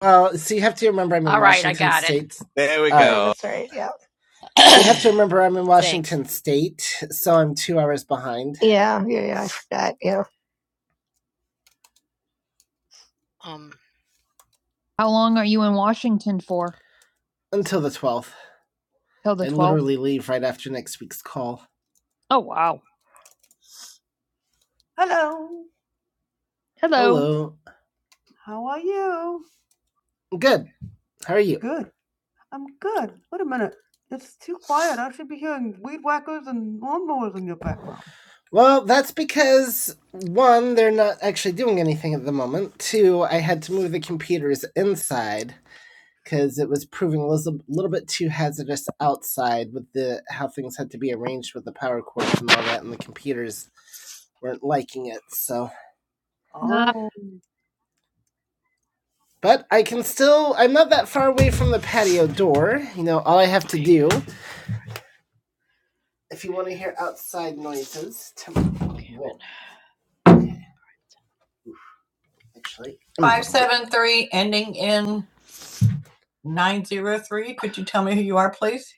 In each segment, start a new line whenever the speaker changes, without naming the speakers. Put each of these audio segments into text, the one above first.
Well, so you have to remember I'm in All Washington right, I Washington got it. State. It. There we Uh, Yeah, go. Uh, that's right. Yeah. you have to remember I'm in Thanks. Washington Thanks. State, so I'm two hours behind Yeah. Yeah. Yeah. I forgot. Yeah. Um, How long are you in Washington for? until the 12th. Until the twelfth? I 12th? literally leave right after next week's call. Oh, wow. Hello. Hello. Hello. How are you? Good. How are you? Good. I'm good. Wait a minute. It's too quiet. I should be hearing weed whackers and lawnmowers in your background. Well, that's because one, they're not actually doing anything at the moment. Two, I had to move the computers inside because it was proving a little, little bit too hazardous outside with the how things had to be arranged with the power cords and all that, and the computers weren't liking it. So, Nah. Oh. but I can still. I'm not that far away from the patio door. You know, all I have to do if you want to hear outside noises, to, well, actually, 573 ending in 903. Could you tell me who you are, please?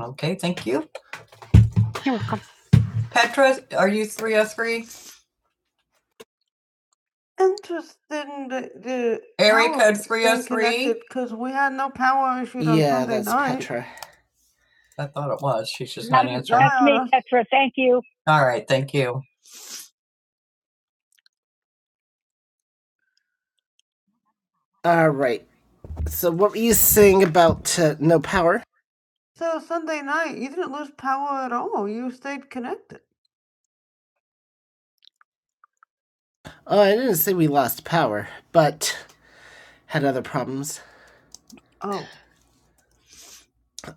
Okay, thank you. Petra, are you 303? Interesting. The, the Area code 303. Because we had no power issues on yeah, Sunday that's night. Petra. I thought it was. She's just Not not answering. All right, thank you. All right. So, what were you saying about uh, no power? So Sunday night, you didn't lose power at all. You stayed connected. Oh, I didn't say we lost power, but had other problems. Oh,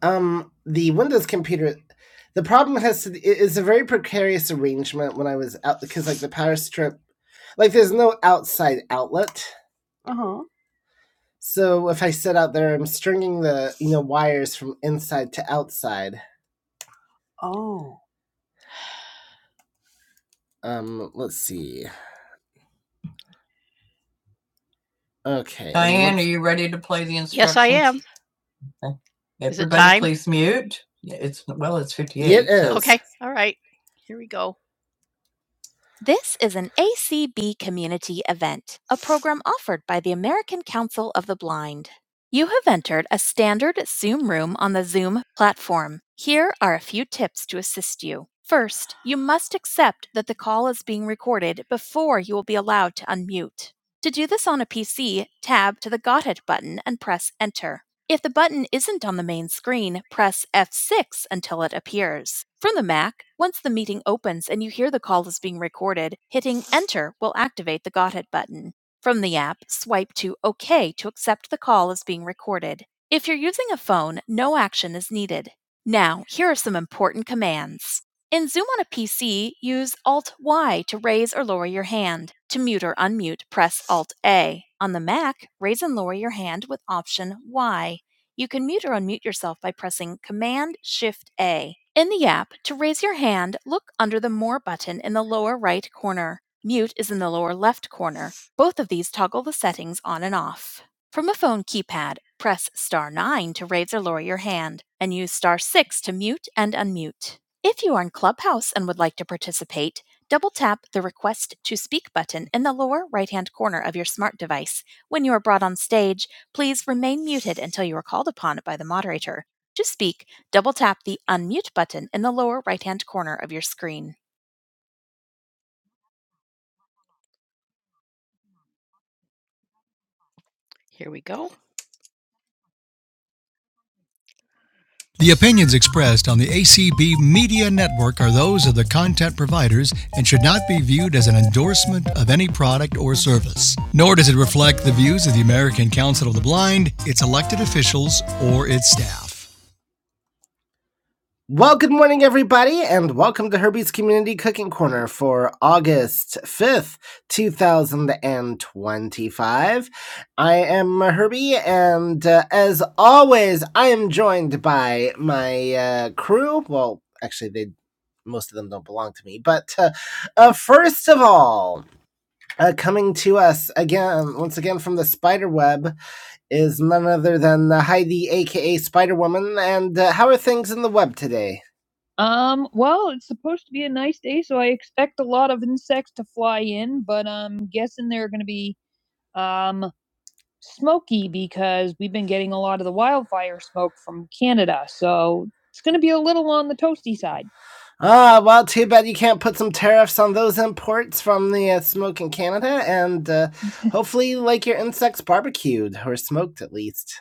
Um, the Windows computer, the problem has to, it's a very precarious arrangement when I was out, because like the power strip, like there's no outside outlet. uh huh. So if I sit out there, I'm stringing the, you know, wires from inside to outside. Oh, Um, let's see. Okay. Diane, are you ready to play the instructions? Yes, I am. Okay. Is it time? Everybody please mute. Yeah, It's, well, it's 58. It is. Okay. All right. Here we go. Here we go. The opinion expressed on the AC Meet of the Cousin Event or Service that reflect the views of the American Council of the Blind, its elected officials, or its staff. Well, good morning, everybody, and welcome to Herbie's Community Cooking Corner for August 5th, 2025. I am Herbie, and uh, as always, I am joined by my uh, crew. Well, actually, they most of them don't belong to me, but uh, uh, first of all, uh, coming to us again, once again from the spider web, is none other than uh, Heidi, aka Spider Woman. And uh, how are things in the web today? Um, well, it's supposed to be a nice day, so I expect a lot of insects to fly in, but I'm guessing they're going to be um smoky because we've been getting a lot of the wildfire smoke from Canada. So, it's going to be a little on the toasty side. Ah, well, too bad you can't put some tariffs on those imports from the uh, smoke in Canada, and uh, hopefully you like your insects barbecued or smoked at least.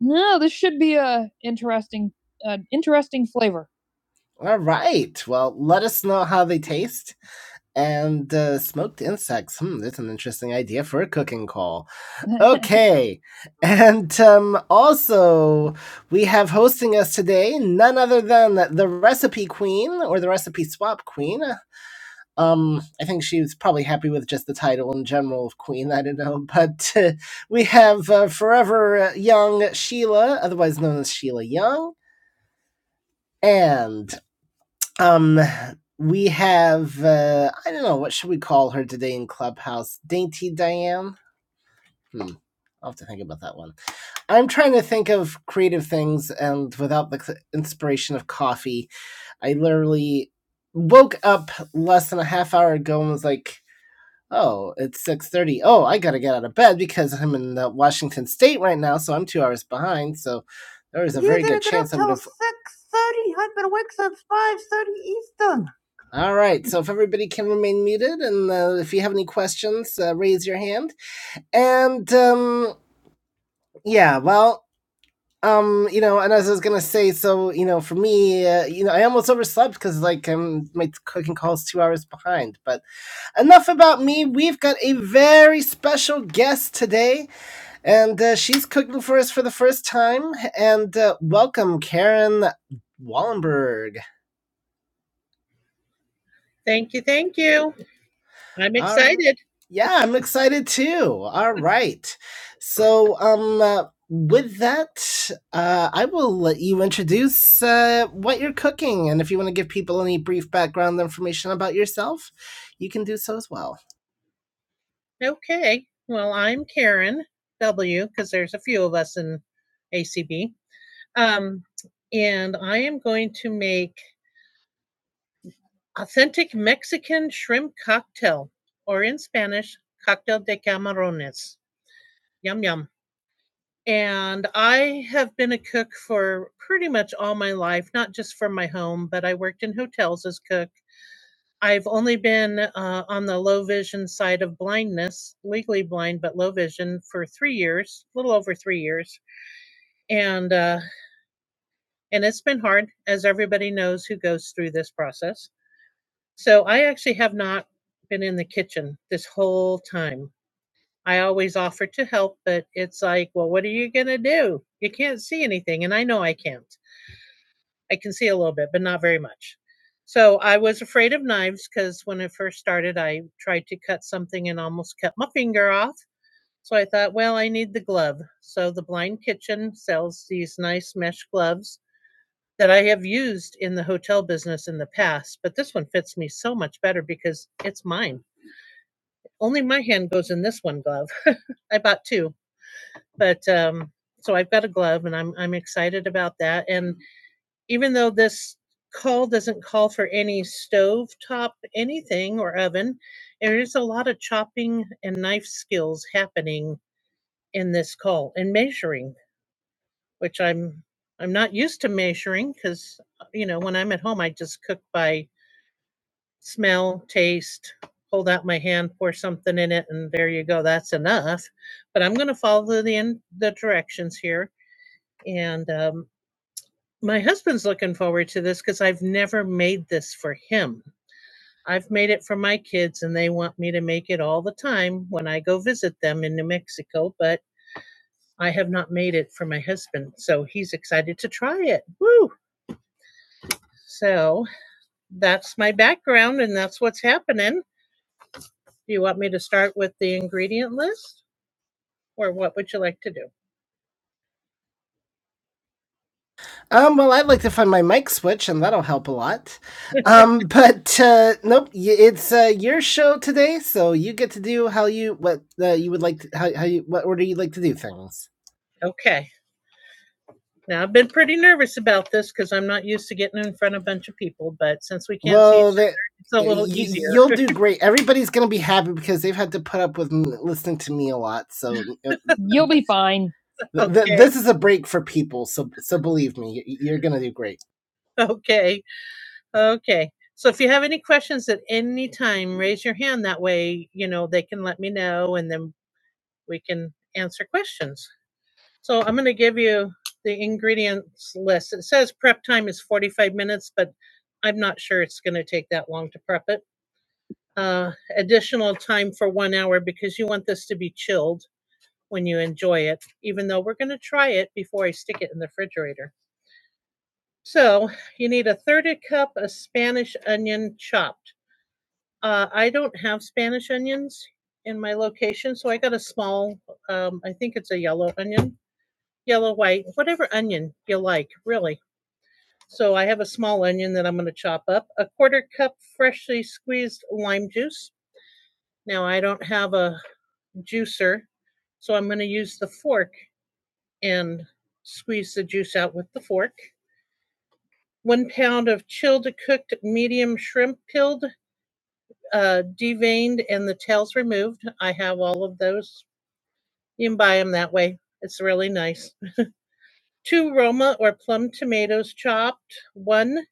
No, this should be a interesting uh, interesting flavor. All right. Well, let us know how they taste. And uh, smoked insects. Hmm, that's an interesting idea for a cooking call. Okay. and um, also, we have hosting us today none other than the recipe queen or the recipe swap queen. Um, I think she was probably happy with just the title in general of queen. I don't know, but uh, we have uh, forever young Sheila, otherwise known as Sheila Young, and um, we have uh, I don't know what should we call her today in Clubhouse? Dainty Diane. Hmm. I'll have to think about that one. I'm trying to think of creative things, and without the c- inspiration of coffee, I literally woke up less than a half hour ago and was like, oh, it's six thirty. Oh, I gotta get out of bed because I'm in the Washington State right now, so I'm two hours behind. So there is a You very good chance I'm gonna. six thirty. I've been awake since five thirty Eastern. All right. So if everybody can remain muted, and uh, if you have any questions, uh, raise your hand. And um, yeah, well, um, you know, and as I was gonna say, so you know, for me, uh, you know, I almost overslept because like um, my cooking call's two hours behind, but enough about me. We've got a very special guest today, and uh, she's cooking for us for the first time. And uh, welcome, Karen Wallenberg. I'm All right. excited. Yeah, I'm excited too. All right. So, um, uh, with that, uh, I will let you introduce uh, what you're cooking, and if you want to give people any brief background information about yourself, you can do so as well. Okay. Well, I'm Karen W, because there's a few of us in ACB. Um, and I am going to make authentic Mexican shrimp cocktail, or in Spanish, cocktail de camarones. Yum, yum. And I have been a cook for pretty much all my life, not just for my home, but I worked in hotels as cook. I've only been uh, on the low vision side of blindness, which and uh, and it's been hard, as everybody. through this process. So I actually have not been in the kitchen this whole time. I always offer to help, but it's, well, what are you going to do? You can't see anything. And I know I can't. I can see a little bit, but not very much. So I was afraid of knives because when I first started, I tried to cut off. So I thought, well, I need the glove. So the Blind Kitchen sells these nice mesh gloves that I have used in the hotel business in the past, but this one fits me so much better because it's mine. only my hand goes in this glove. I bought two, but um, so I've got a glove, and I'm I'm excited about that. And even though this call doesn't cop anything, there is a lot of chopping and knife skill happening in this call and measuring, which I'm I'm not used to measuring because you know when I'm at home I just cook by smell, taste, hold out my hand, pour something in it, and there you go. That's enough. But I'm going to follow the the directions here, and um, my husband I've never made this for him. I've made it for my kids and they want me to make it all the time when I go visit them in New Mexico, but I have not made it for my husband. So he decided to try it. Woo! So That's happening. Do you want me to start with the ingredient list or what would you like to do? Um, well, I'd like to find my mic switch, and that'll help a lot. Um, but uh, nope, it's uh, your show today, so you get to do how you what uh, you would like to, how how you what order you'd like to do things. Okay. Now I've been pretty nervous about this because I'm not used to getting in front of a bunch of people, but since we can't Well, see, each other, it's a little you, easier. you'll do great. Everybody's gonna be happy because they've had to put up with listening to me a lot. So You'll be fine. th- okay. th- Okay. this is a break for people. So so believe me, you're gonna do great. Okay. Okay. So if you have any questions at any time, raise your hand. That way, you know, they can let me know and then we can answer questions. So I'm going to give you the ingredients list. It says prep time is 45 minutes, but I'm not sure it's going to take that long to prep it. Uh, additional times you want to be chilled when you enjoy it, even though we're going to try it, we stick it in the refrigerator. So, spam, uh, I don't like. So, a quarter cup freshly squeezed lime juice. Now, juicer, sork, and with one pound of chilled cooked shrimp peel, uh, deveined and the tails removed. I have all of those. You can buy them that way. Nice. two Roma or tomatoes chopped, one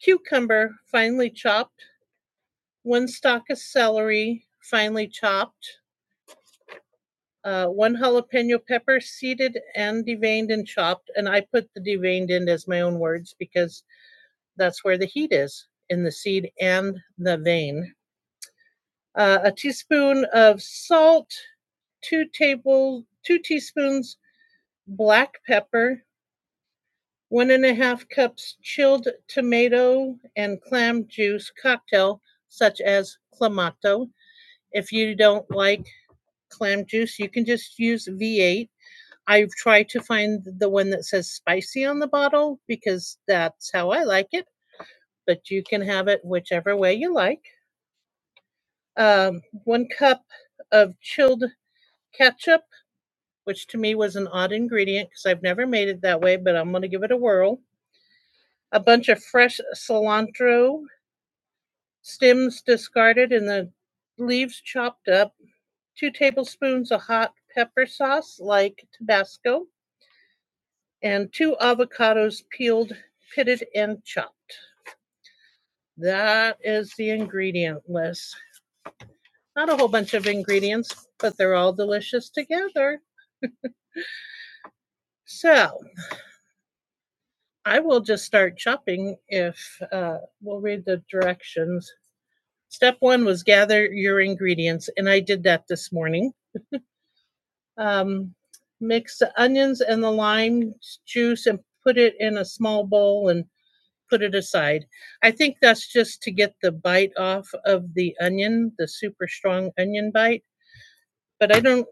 cucumber finely chopped, one fine jalapeno pepper seeded and deveined and chopped. And I put the deveined in as my own words because that's and the, uh, a teaspoon of salt, two table, two teaspoons black, one is chilled to and clam gel such as clove. If you like clam juice, you can just use V8. I try to find spicy on the bottle because that's how I like it, but you can have whichever way you like. A cup chilled ketchup, which to me was an odd ingredient because I've never made it that way, but I'm going to give it a whirl. A bunch of fresh cilantro stems discarded and the leaves chopped up. Two tablespoons of hot pepper sauce, like Tabasco, and two avocados peeled, pitted, and chopped. That is the ingredient list. Not a whole bunch of ingredients, but they're all together. I will just start chopping if I was getting um, onions and put it in tight, but I don't.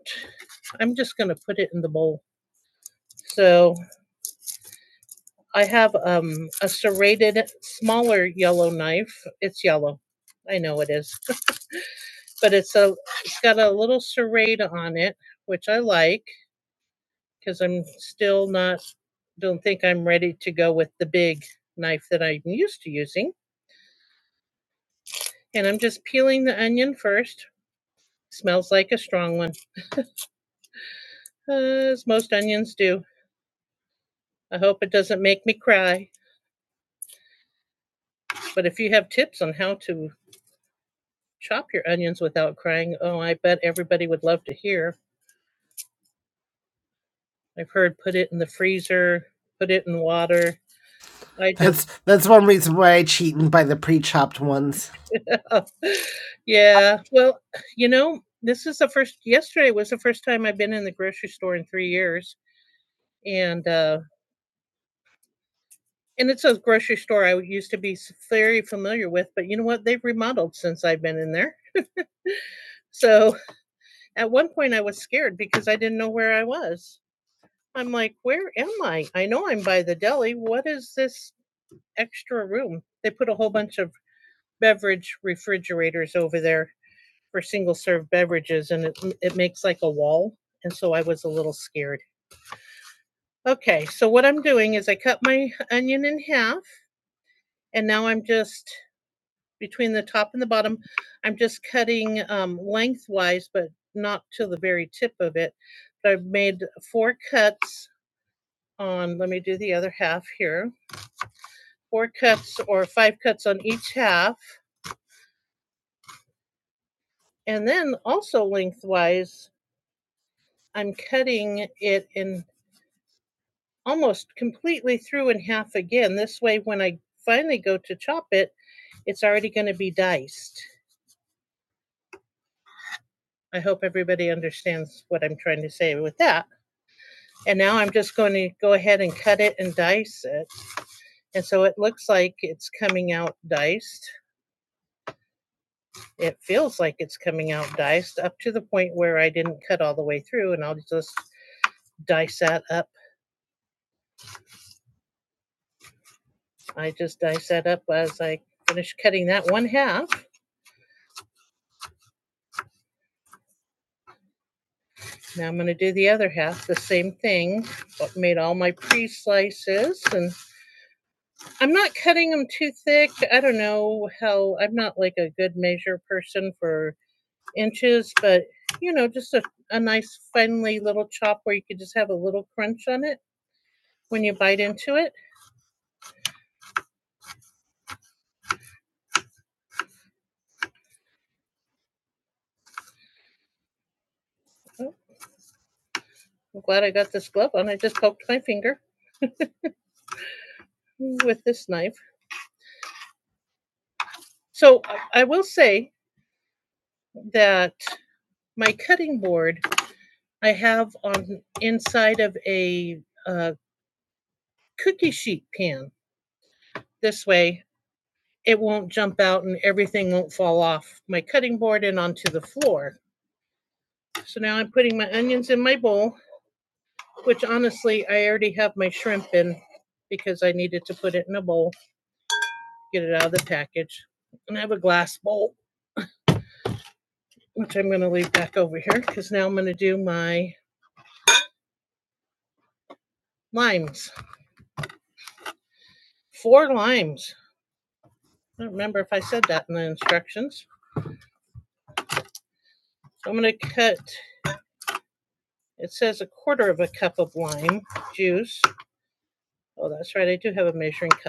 I have um, a serrated, smaller yellow knife. It's yellow. I know it is, but it's a. It's got a little serrate on it, which I like because I'm still not. Don't think I'm ready to go with the big knife that I'm used to using. And I'm just peeling the onion first. Smells like a strong one, as most onions do. I hope it doesn't make me cry. But if you have tips on how to chop your onions without crying, oh, I bet everybody would love to hear. I've heard put it in the freezer, put it in water. I just, That's that's one reason why I cheat and buy the pre-chopped ones. Oh, yeah. Well, you know, this is the first yes store in three. And, uh, so at one point where I was, I'm like, where am I? Oh, I'm by the what is X room? They put a whole for single serve beverages, and it it makes like a wall. And so I was a little scared. Okay, so what I'm doing is I cut my onion in half, and now I'm just between the top and the bottom. I'm just cutting um, lengthwise, but not to the very tip of it. But I've made four cuts on, let me do the other half here, four cuts or five cuts on each half. And then also lengthwise, I'm cutting it in almost completely through in half again. This way, when I finally go to chop it, it's already going to be diced. I hope everybody understands what I'm trying to say with that. And now I'm just going to go ahead and cut it and dice it. And so it looks like it's coming out diced. It feels like it's coming out diced up to the point where I didn't cut all the way through. And I'll just dice that up. I just dice that up as I finish cutting that one half. The Other half made all my pre slices. And I'm not cutting too thick. I don't know how, I'm not like a Goodger person for inches, but you know, just a, a nice, finely little chop where you could just have a little crunch on it when you bite into it. I'm glad I got this glove on. I just poked my finger with this knife. So I- will say that my cutting board I have on inside of a uh, cookie sheet pan. This way, it won't jump out and float in my bowl. Oh, my four. I don't remember that. I'm going to cut right. I did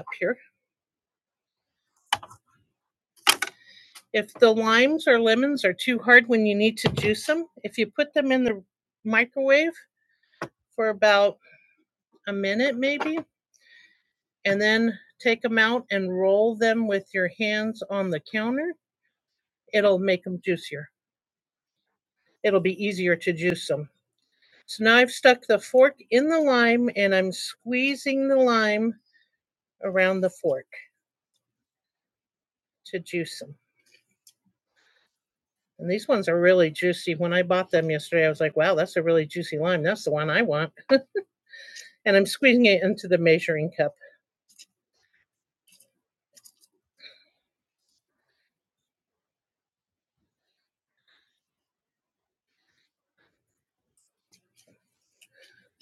are too hard when you need to juice them. If you put them in the microwave, about out on the counter. It'll make them ju- juice in squeezing the lime around work. And these want and I'm to the makeup.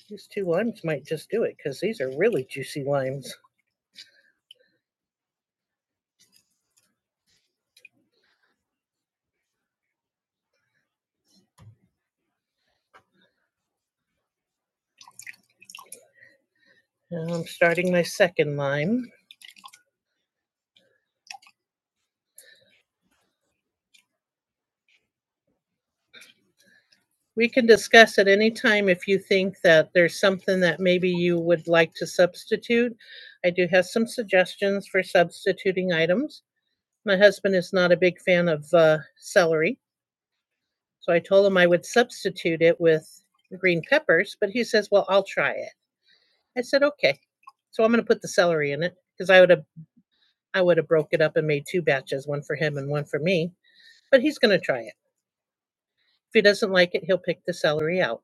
These two might just um, we can discuss at any time if you think that there's something that maybe you would like to substitute. I do have suggestions. My husband's not a big fan of uh, celery, so I told him I would substitute it with green peppers, but he says, "Well, I'll try it." I said, "Okay." So I'm going to put the celery in it because I would have I would have broke it up and made two batches, one for him and one for me. But he's going to try it. If he doesn't like it, he'll pick the celery out.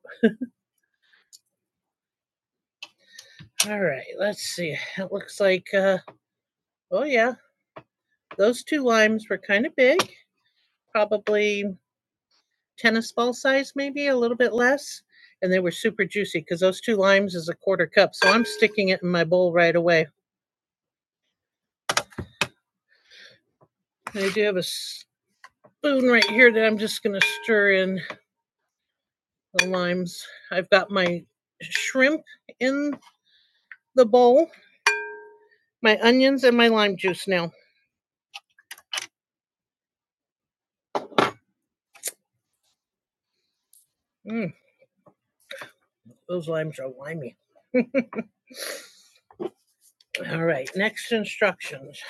All right, let's see. It looks like, uh, oh yeah, those two limes were kind of big, probably tennis ball size, maybe a little bit less. And they were super juicy because those two limes is a quarter cup. So I'm sticking it in my bowl right away. And I do have a spoon right here that I'm just going to stir in the limes. I've got my shrimp in the bowl, my onions, and my lime juice now. All right, next instructions.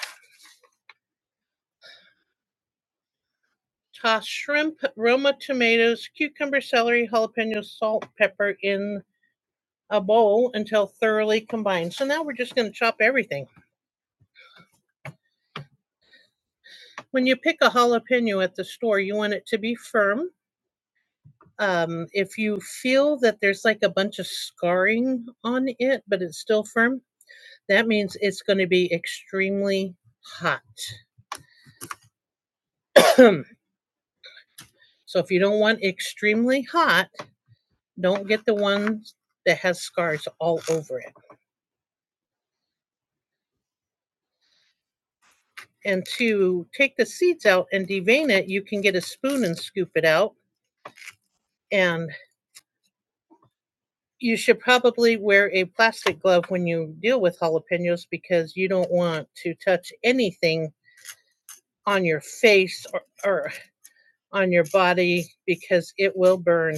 Toss shrimp, roast cucumber, celery, jalapeno, salt, pepper in a bowl until thoroughly combined. So now we're just going to chop scars all over it. And to take seeds out and it, you can get a spoon and out. And you should probably wear a plastic glove when you deal with jalapenos because you not want to touch anything on your face or, or on your body because it will burn.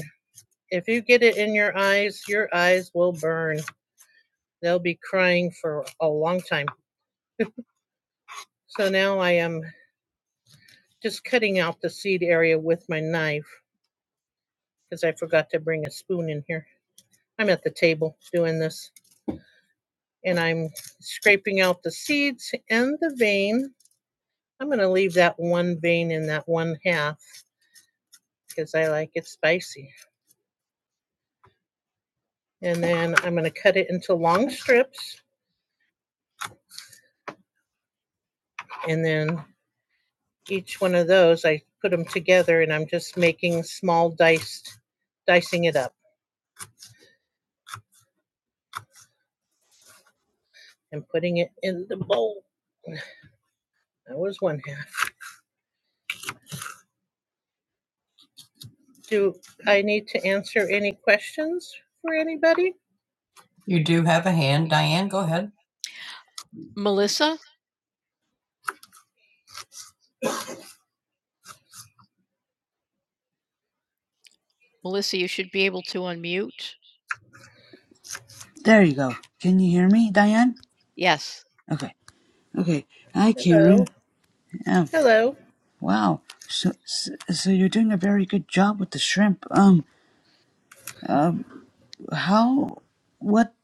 If you get it in your eyes, your eyes will burn. They'll be crying for a long time. So now I'm just cutting out the seed area with my knife because I forgot to bring a spoon in here. I'm at the table and I'm scraping out the seeds and the vein. I'm going to leave that one vein in that one half and put it in the bowl. That was one half. Do I need to answer any questions for anybody? You do have a hand. Diane, go ahead. Melissa? Melissa, you should be able to unmute.
There you go. Can you hear me, Diane?
Yes.
Okay. Okay. Hi, Karen. Um. Wow. So, so, so you're doing a very good job with the shrimp. Um. How? What?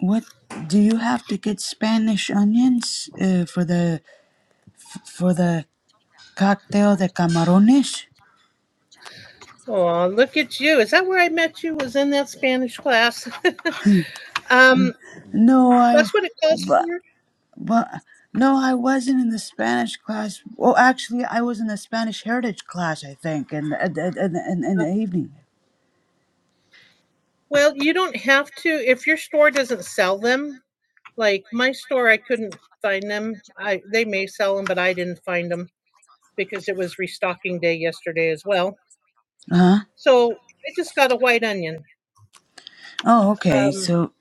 What? Do you have to get Spanish onions uh, for the for the cocktail de camarones?
Oh, look at you. Is that where I met you? Was in that Spanish class? um,
No, I. But but no, I wasn't in the Spanish class. Well, actually, I was in the Spanish heritage class, I think, in in in, in the evening.
well, you don't have to if your store doesn't sell them. Like my store, I couldn't find them. I they may sell them, but I didn't find them because it was restocking day yesterday as well.
Huh?
So I just got a white onion.
Oh, okay.
Um,
So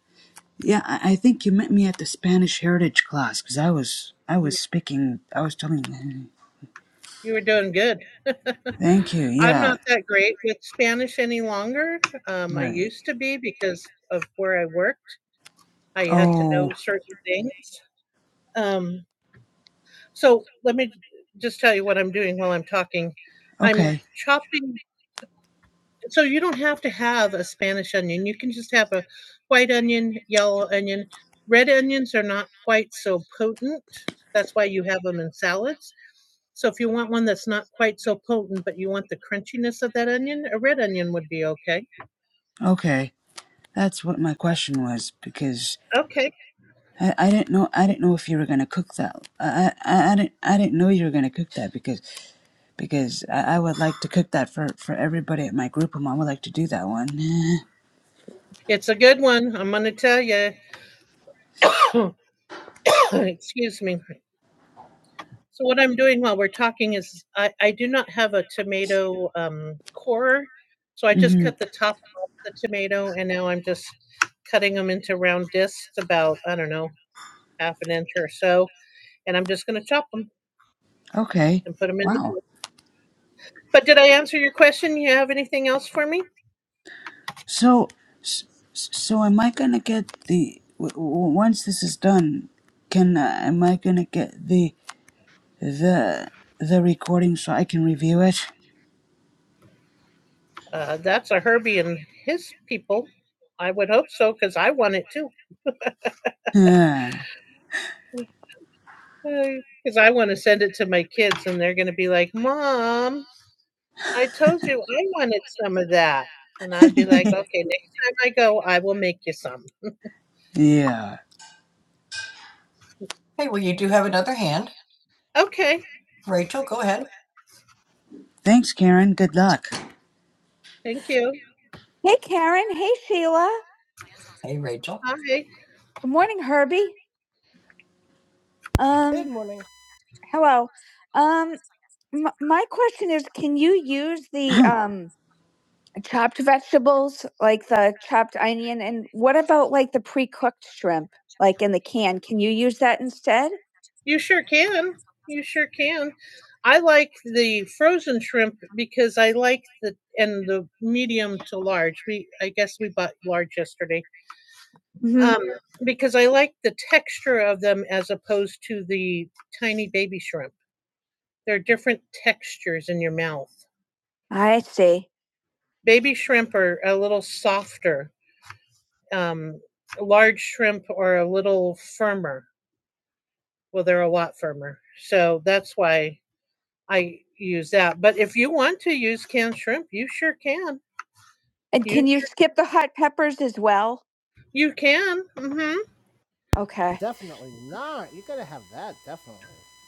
Yeah, I, I think you met me at the Spanish Heritage class because I was I was speaking. I was telling.
you were doing good.
Thank you.
I'm
Yeah.
not that great with Spanish any longer. Um, I
Right.
used to be because of where I worked. I had to know
Oh.
certain things. Um, So let me just tell you what I'm doing while I'm talking. I'm
Okay.
chopping. So you don't have to have a Spanish onion. You can just have a white onion, yellow onion. Red onions are not quite so potent. That's why you have them in salads. So if you want one that's not quite so potent, but you want the crunchiness of that onion, a red onion would be okay.
Okay. That's what my question was because
Okay.
I, I didn't know I didn't know if you were gonna cook that. I, I I didn't I didn't know you were gonna cook that because because I, I would like to cook that for for everybody at my group home. I would like to do that one.
It's a good one. I'm going to tell you. Excuse me. So what I'm doing while we're talking is I, I do not have a tomato um, core, so I just
hmm
cut the top off the tomato, and now I'm just cutting them into round discs, about I don't know half an inch or so, and I'm just going to chop them
Okay.
and put them in the
Wow.
bowl. But did I answer your question? You have anything else for me?
So, s- so am I gonna get the w- w- once this is done? Can uh, am I gonna get the the the recording so I can review it?
Uh, that's a Herbie and his people. I would hope so because I want it too.
Ah.
Because I want to send it to my kids, and they're going to be like, "Mom." I told you I wanted some of that, and I'd be like, "Okay, next time I go, I will make you some."
yeah.
Hey, well, you do have another hand. Okay, Rachel, go ahead.
Thanks, Karen. Good luck.
thank you. Hey, Rachel. Hi. Good morning, Herbie. Um, Good morning. Hello. Um, m- my question is, can you use the um chopped vegetables, like the chopped onion, and what about like the pre-cooked shrimp, like in the can? Can you use that instead? You sure can. You sure can. I like the frozen shrimp because I like the and the medium to large. We I guess we bought large yesterday. Mhm. Um, because I like the texture of them as opposed to the tiny baby shrimp. they are different textures in your mouth. Baby shrimp are a little softer. Um, large shrimp are a little firmer. Well, they're a lot firmer. So that's why I use that. But if use canned shrimp. You sure can. And You can you sure. skip the hot peppers as well? you can. hmm Okay. Definitely not. You gotta have that. Definitely.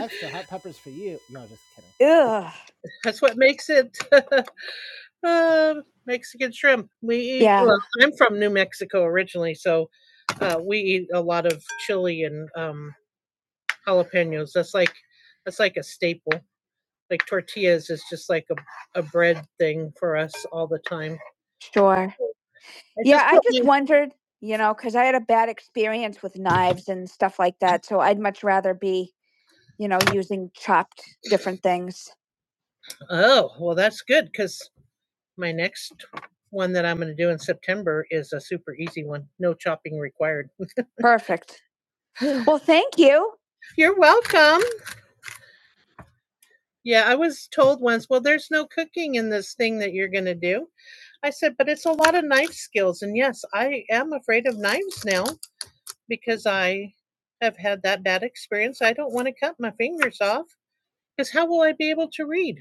Extra hot peppers for you. No, just kidding. Ugh. That's what makes it uh, Mexican shrimp. We eat, Yeah. well, I'm from New Mexico originally, so uh, we eat a lot of chili and um, jalapenos. That's like that's like a staple. Like tortillas is just like a, a bread thing for us all the time. I yeah, just I just want Oh, well, that's good because my next one that I'm going to do in September is a super easy one. No chopping required. Well, thank you. You're welcome. Yeah, I was told once, well, there's no cooking in this thing that you're going to do. I said, but it's a lot of knife skills. And yes, I am afraid of knives now because I have had that bad experience. I don't want to cut my fingers off because how weed?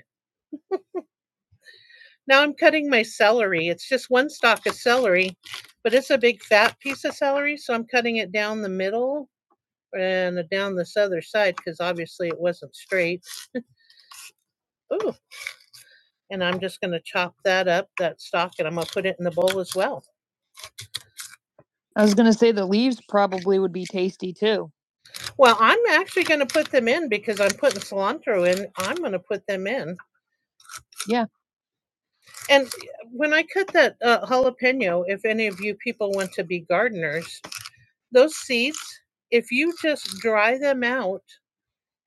Now I'm cutting my celery. It's just one stalk of celery, but it's a big fat piece of celery, so I'm cutting it down the middle and down this other side because obviously it wasn't straight. Ooh, and I'm just going to chop that up, that stalk, and I'm going to put it in the bowl as well. I was gonna say the leaves probably would be tasty too. Well, I'm actually going to put them in because I'm putting cilantro in. I'm going to put them in. Yeah. And when I cut that uh, jalapeno, if any of you people want to be gardeners, Those seeds, if you just dry them out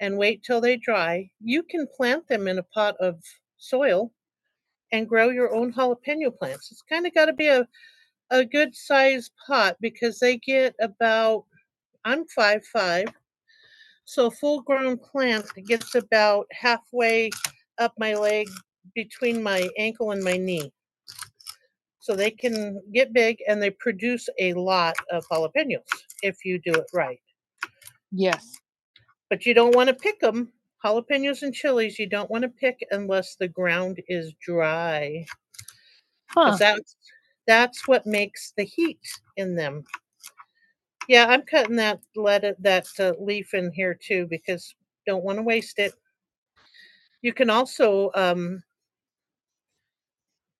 and wait till they dry, you can plant them in a pot of soil and grow your own jalapeno plants. It's kind of got to be a, a good sized pot because they get about, I'm five foot five, so a full grown plant gets about halfway up my leg between my ankle and my knee. So they can get big and they produce a lot of jalapenos if you do it right. Yes. But you don't want to pick them. Jalapenos and chilies, you don't want to pick unless the ground is dry. Huh. Because that's that's what makes the heat in them. Yeah, I'm cutting that let that uh, leaf in here too because don't want to waste it. You can also um,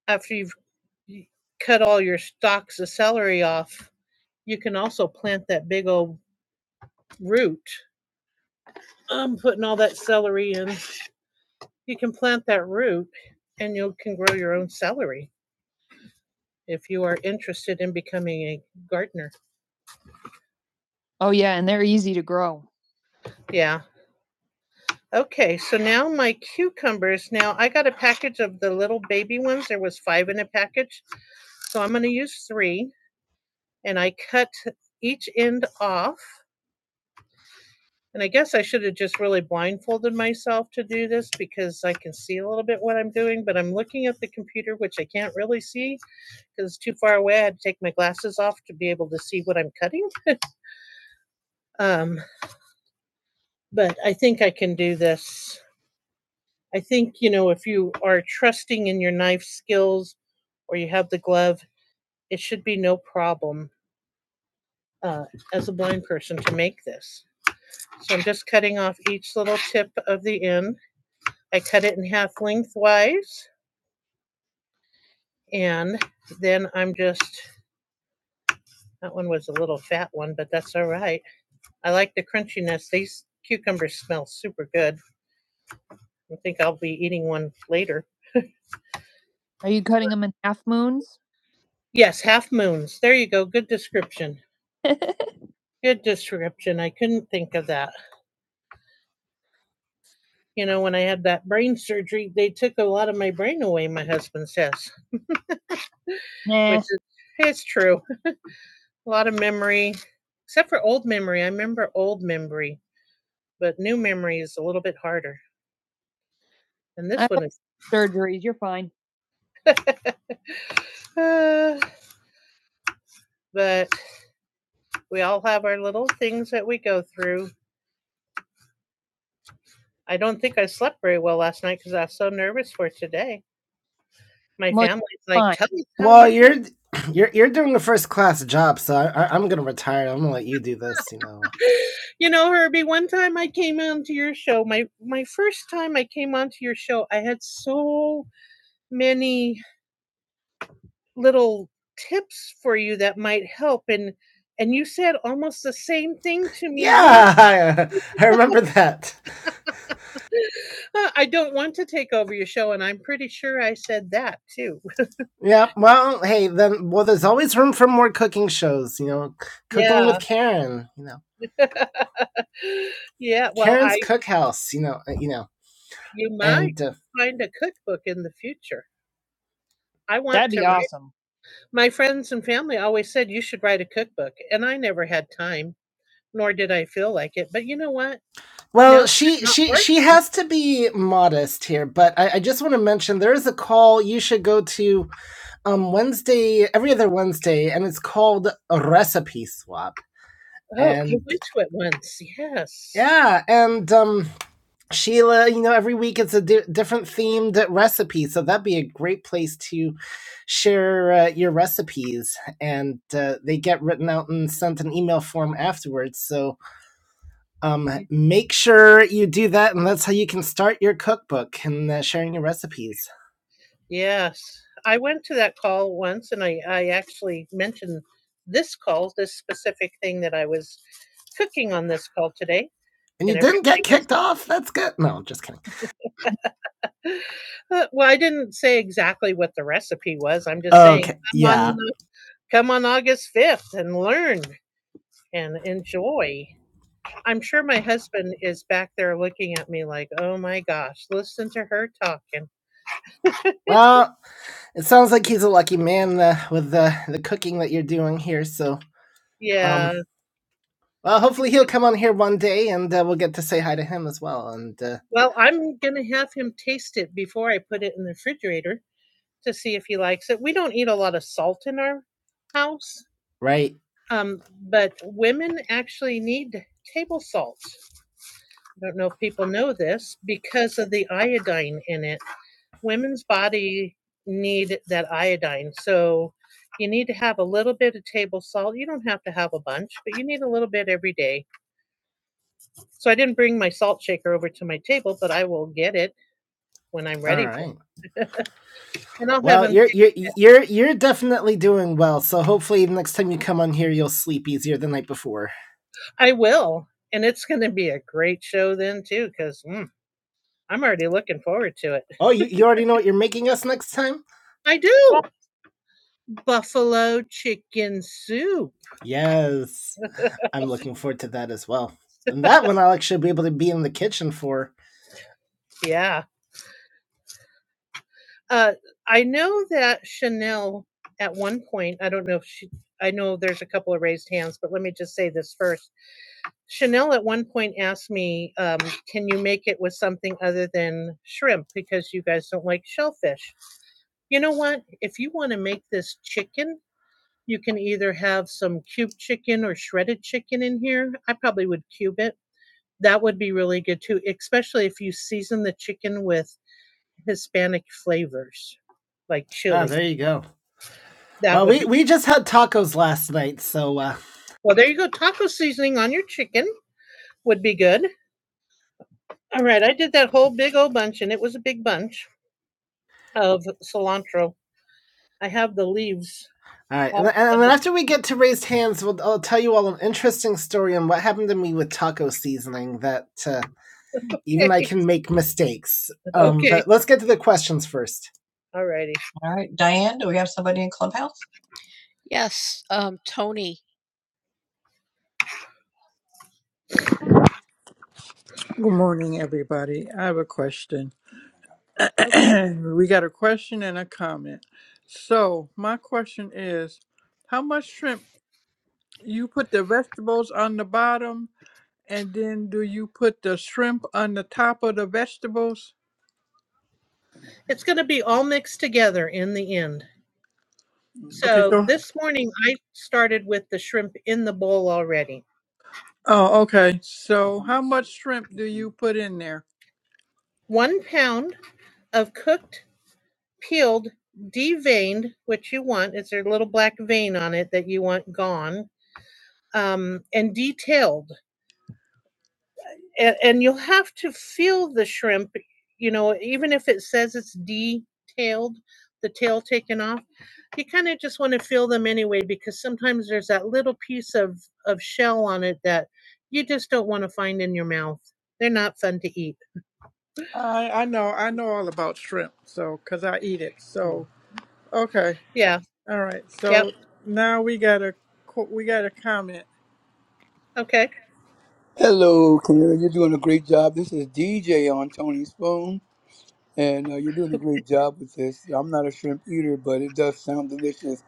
after you've cut all your stalks of celery off, you can also plant that big old root. I'm putting all that celery in. You can plant that root and you can grow your own celery. if you are interested in becoming a gardener. Oh yeah, and they're easy to grow. Yeah. Okay. So now my cucumbers. Now I got a package of the little baby ones. There was five in a package. So I'm going to use three. And I cut each end off. And I guess I should have just really blindfolded myself to do this because I can see a little bit what I'm doing, but I'm looking at the computer, which I can't really see because it's too far away. I had to take my glasses off to be able to see what I'm cutting. um, but I think I can do this. I think, you know, if you are trusting in your knife skills or you have the glove, it should be no problem uh, as a blind person to make this. So I'm just cutting off each little tip of the end. I cut it in half lengthwise and then I'm just, that one was a little fat one, but that's all right. I like the crunchiness. These cucumbers smell super good. I think I'll be eating one later. Are you cutting them in half moons? Yes, half moons. There you go. Good description. Good description. I couldn't think of that. You know, when I had that brain surgery, they took a lot of my brain away, my husband says. Nah. Which is it's true. A lot of memory, except for old memory. I remember old memory, but new memory is a little bit harder. And this I one is Surgeries, you're fine. uh, but we all have our little things that we go through I don't think I slept very well last night because I was so nervous for today. My Well, family's like, tell me, tell Well, me. you're you're you're doing a first class job, so I, I, I'm gonna retire. I'm gonna let you do this. You know. you know, Herbie, one time I came onto your show, my my first time I came onto your show, I had so many little tips for you that might help and and you said almost the same thing to me. Yeah, I, I remember that. "Uh, I don't want to take over your show, and I'm pretty sure I said that too. Yeah, well, hey, then, well, there's always room for more cooking shows, you know, c- cooking yeah. with Karen, you know, yeah, well, Karen's I, Cookhouse, you know, uh, you know, you might and uh, find a cookbook in the future. I want That'd to. be write- awesome. My friends and family always said you should write a cookbook, and I never had time nor did I feel like it. But you know what? Well, No, she she she has to be modest here, but I, I just want to mention there is a call you should go to um Wednesday every other Wednesday, and it's called a recipe swap. Oh, I And you went to it once. Yes. yeah, and um Sheila, you know, every week it's a di- different themed recipe, so that'd be a great place to share uh, your recipes, and uh, they get written out and sent an email form afterwards. So um, make sure you do that, and that's how you can start your cookbook and uh, sharing your recipes. Yes. I went to that call once and I, I actually mentioned this call, this specific thing that I was cooking on this call today. And you And didn't get everything is- kicked was... off. That's good. No, I'm just kidding. Uh, well, I didn't say exactly what the recipe was. I'm just saying Okay. saying, come Yeah. on, come on August 5th and learn and enjoy. I'm sure my husband is back there looking at me like, "Oh my gosh, listen to her talking." Well, it sounds like he's a lucky man uh, with the the cooking that you're doing here. So, um, Yeah. Um, well, hopefully he'll come on here one day, and uh, we'll get to say hi to him as well. And uh, Well, I'm going to have him taste it before I put it in the refrigerator to see if he likes it. We don't eat a lot of salt in our house, right, um, but women actually need table salt. I don't know if people know this, because of the iodine in it, women's body need that iodine. So you need to have a little bit of table salt. You don't have to have a bunch, but you need a little bit every day. So I didn't bring my salt shaker over to my table, but I will get it when I'm ready. All ready for right. And I'll Well, them you're you're you're you're definitely doing well. So hopefully the next time you come on here, you'll sleep easier the night before. I will. And it's going to be a great show then, too, because mm, I'm already looking forward to it. Oh, you, you already know what you're making us next time? I do. Buffalo chicken soup. Yes. I'm looking forward to that as well. And that one I'll actually be able to be in the kitchen for. Yeah. Uh, I know that Chanel at one point, I don't know if she, I know there's a couple of raised hands, but let me just say this first. Chanel at one point asked me, um, "Can you make it with something other than shrimp because you guys don't like shellfish?" You know what? If you want to make this chicken, you can either have some cubed chicken or shredded chicken in here. I probably would cube it. That would be really good too, especially if you season the chicken with Hispanic flavors like Ah, chili. Oh, there you go. That Well, would we, be- we just had tacos last night, so uh, Well, there you go. Taco seasoning on your chicken would be good. All right, I did that whole big old bunch, and it was a big bunch of cilantro. I have the leaves. All right, and, right. and then after we get to raised hands, we'll, I'll tell you all an interesting story on what happened to me with taco seasoning. That uh, okay. even I can make mistakes. Um, Okay. But let's get to the questions first. All righty. All right, Diane, do we have somebody in Clubhouse? Yes, um, Tony.
Good morning, everybody. I have a question.
Okay.
we got a question and a comment. So my question is, how much shrimp you put the vegetables on the bottom, and then do you put the shrimp on the top of the vegetables?
It's going to be all mixed together in the end.
Okay,
So
so
this morning I started with the shrimp in the bowl already.
oh, okay. So how much shrimp do you put in there?
One pound of cooked, peeled, deveined, which you want. It's a little black vein on it that you want gone, um, and detailed and, and you'll have to feel the shrimp you know even if it says it's detailed the tail taken off you kind of just want to feel them anyway because sometimes there's that little piece of of shell on it that you just don't want to find in your mouth they're not fun to eat
I I know I know all about shrimp, so cause I eat it. So okay,
yeah
all right. So
yep
now we got a co- we got a comment.
okay
Hello, Karen. You're doing a great job. This is DJ on Tony's phone, and uh, you're doing a great job with this. I'm not a shrimp eater, but it does sound delicious.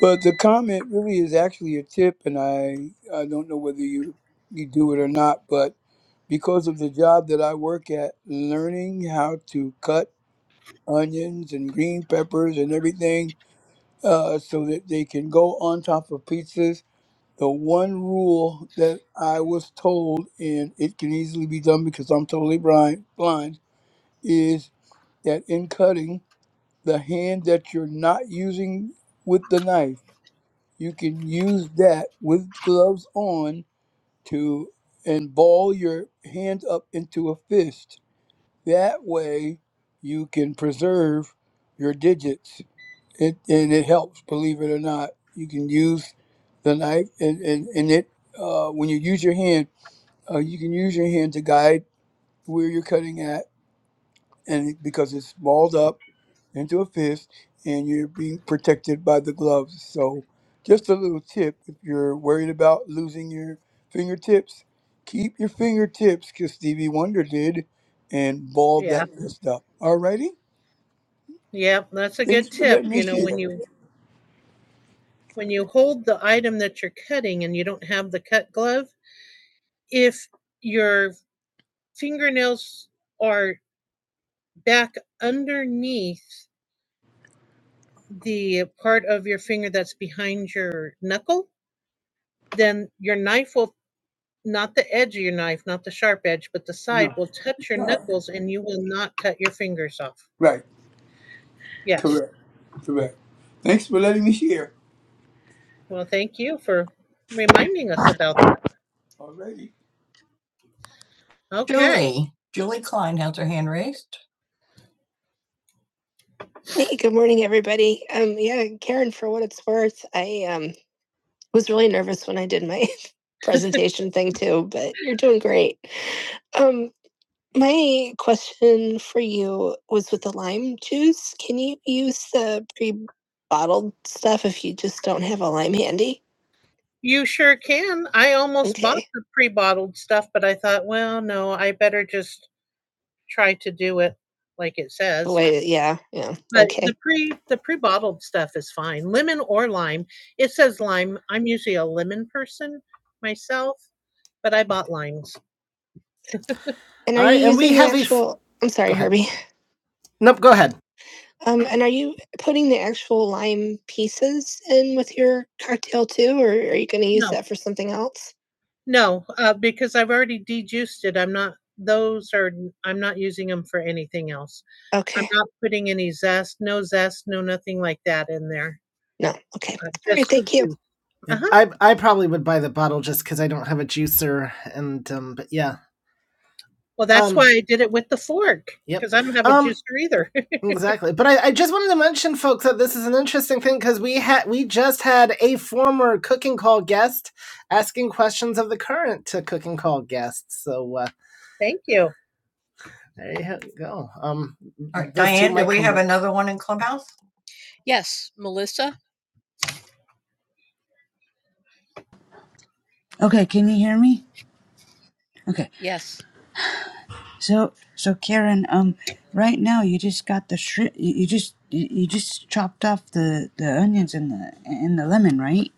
But the comment really is actually a tip, and I, I don't know whether you, you do it or not, but because of the job that I work at, learning how to cut onions and green peppers and everything uh, so that they can go on top of pizzas the one rule that I was told, and it can easily be done because I'm totally blind, blind is that in cutting, the hand that you're not using with the knife, you can use that with gloves on to and ball your hand up into a fist. That way, you can preserve your digits. It and it helps, believe it or not. You can use the knife and and, and it uh, when you use your hand uh, you can use your hand to guide where you're cutting at, and it- because it's balled up into a fist, and you're being protected by the gloves. So, just a little tip: if you're worried about losing your fingertips, keep your fingertips, because Stevie Wonder did, and balled
yeah
that fist up. Alrighty,
yeah that's a
thanks
good
for letting
tip
me
you know when
share.
you when you hold the item that you're cutting and you don't have the cut glove if your fingernails are back underneath the part of your finger that's behind your knuckle, then your knife will not the edge of your knife, not the sharp edge, but the side
No,
will touch your
sorry.
knuckles and you will not cut your fingers off.
right,
Yes.
correct, correct. Thanks for letting me share.
Well, thank you for reminding us about
Alrighty.
that. Okay. Julie, Julie Klein has her hand raised. Hey, good morning, everybody. Um, yeah, Karen, for what it's worth, I um was really nervous when I did my presentation thing too, but you're doing great. Um, My question for you was with the lime juice. Can you use the pre bottled stuff if you just don't have a lime handy? You sure can. I almost bought Okay. the pre bottled stuff, but I thought, well, no, I better just try to do it like it says. Wait, yeah, yeah. But Okay. the pre the pre bottled stuff is fine. Lemon or lime. It says lime. I'm usually a lemon person myself, but I bought limes. And All are right, you and we using have a f- actual? I'm sorry, Go ahead. Herbie. Nope, go ahead. Um, and are you putting the actual lime pieces in with your cocktail too, or are you going to use No. that for something else? No, uh, because I've already dejuiced it. I'm not; those are i I'm not using them for anything else. I'm Okay. not putting any zest, no zest, no nothing like that in there. No. Okay. Uh, All right. just right. Thank you. Uh huh. I I probably would buy the bottle just because I don't have a juicer, and um, but yeah, well, that's Um, why I did it with the fork Yep. because yep. I don't have a Um, juicer either. exactly. But I, I just wanted to mention, folks, that this is an interesting thing because we had we just had a former cooking call guest asking questions of the current uh, cooking call guests. So uh, Thank you. there you go. Um, All right, Diane, do we have up. another one in Clubhouse? Yes. Melissa?
okay, can you hear me? Okay.
Yes.
So, so Karen, um, right now you just got the shri- you you just you you just chopped off the the onions and the and the lemon, right?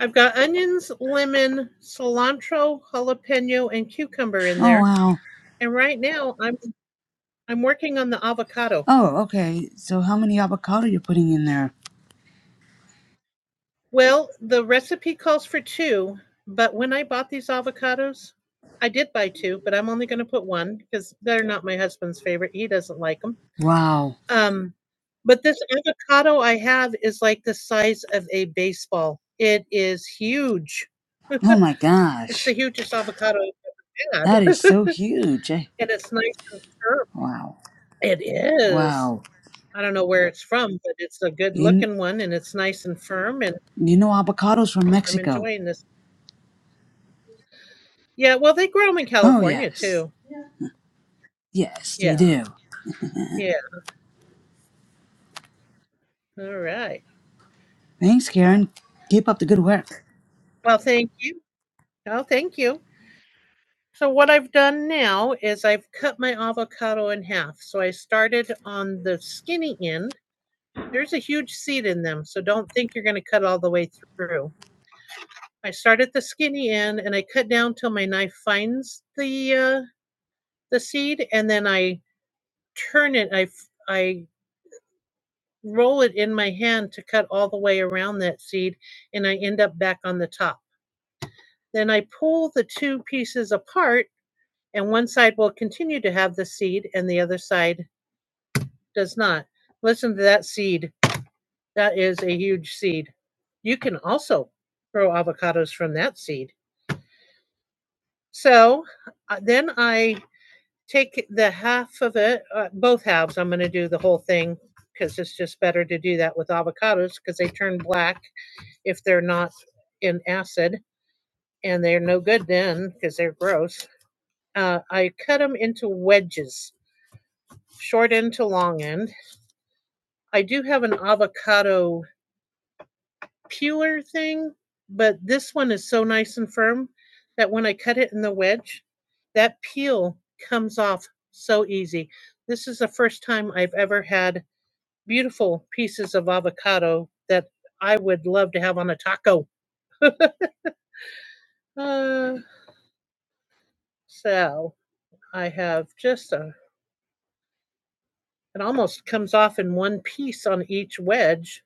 I've got onions, lemon, cilantro, jalapeno, and cucumber in
Oh
there.
wow.
And right now, I'm I'm working on the avocado.
Oh, okay. So how many avocado you are putting in there?
Well, the recipe calls for 2, but when I bought these avocados, I did buy 2, but I'm only gonna put 1 because they're not my husband's favorite, he doesn't like 'em.
Wow.
Um, but this avocado I have is like the size of a baseball. It is huge.
Oh my
It's the
gosh.
hugest avocado I've had,
That is so huge. eh?
and it's nice and firm.
Wow.
It is.
Wow.
I don't know where it's from, but it's a good
You,
looking one, and it's nice and firm, and
you know avocados from
I'm
Mexico?
enjoying this. Yeah, well, they grow them in
Oh,
California
yes.
too.
Yes, they
Yeah.
do.
Yeah, alright.
Thanks, Karen. Keep up the good work.
Well, thank you. Oh, thank you. So what I've done now is I've cut my avocado in half. So I started on the skinny end. There's a huge seed in them, so don't think you're gonna cut all the way through. I start at the skinny end and I cut down till my knife finds the, uh, the seed, and then I turn it, I f I roll it in my hand to cut all the way around that seed, and I end up back on the top. Then I pull the 2 pieces apart and one side will continue to have the seed and the other side does not. Listen to that seed. That is a huge seed. You can also grow avocados from that seed. So uh, then I take the half of it, uh, both halves. I'm going to do the whole thing because it's just better to do that with avocados because they turn black if they're not in acid and they're no good then because they're gross. Uh, I cut them into wedges, short end to long end I do have an avocado peeler thing, but this one is so nice and firm that when I cut it in the wedge, that peel comes off so easy. This is the first time I've ever had beautiful pieces of avocado that I would love to have on a taco. Uh, so I have just a, it almost comes off in one piece on each wedge,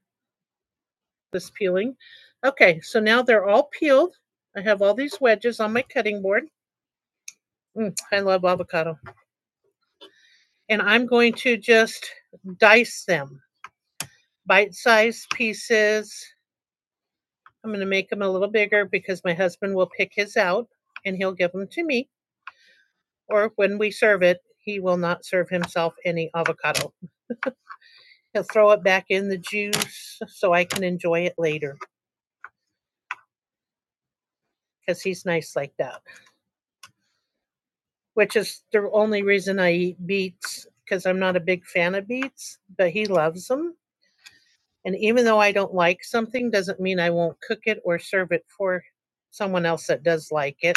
this peeling. Okay, so now they're all peeled. I have all these wedges on my cutting board. Mm, I love avocado. And I'm going to just dice them, bite sized pieces. I'm going to make them a little bigger because my husband will pick his out and he'll give them to me. Or when we serve it, he will not serve himself any avocado. He'll throw it back in the juice so I can enjoy it later because he's nice like that, which is the only reason I eat beets because I'm not a big fan of beets, but he loves them. And even though I don't like something, doesn't mean I won't cook it or serve it for someone else that does like it.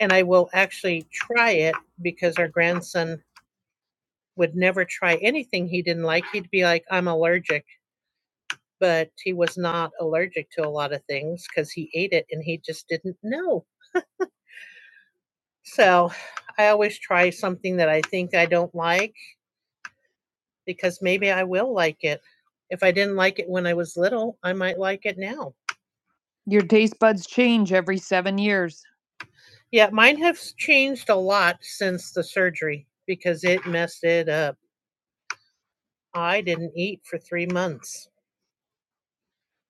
And I will actually try it because our grandson would never try anything he didn't like. He'd be like, I'm allergic. But he was not allergic to a lot of things because he ate it and he just didn't know. So I always try something that I think I don't like because maybe I will like it. If I didn't like it when I was little, I might like it now. Your taste buds change every seven years. Yeah, mine has changed a lot since the surgery because it messed it up. I didn't eat for three months.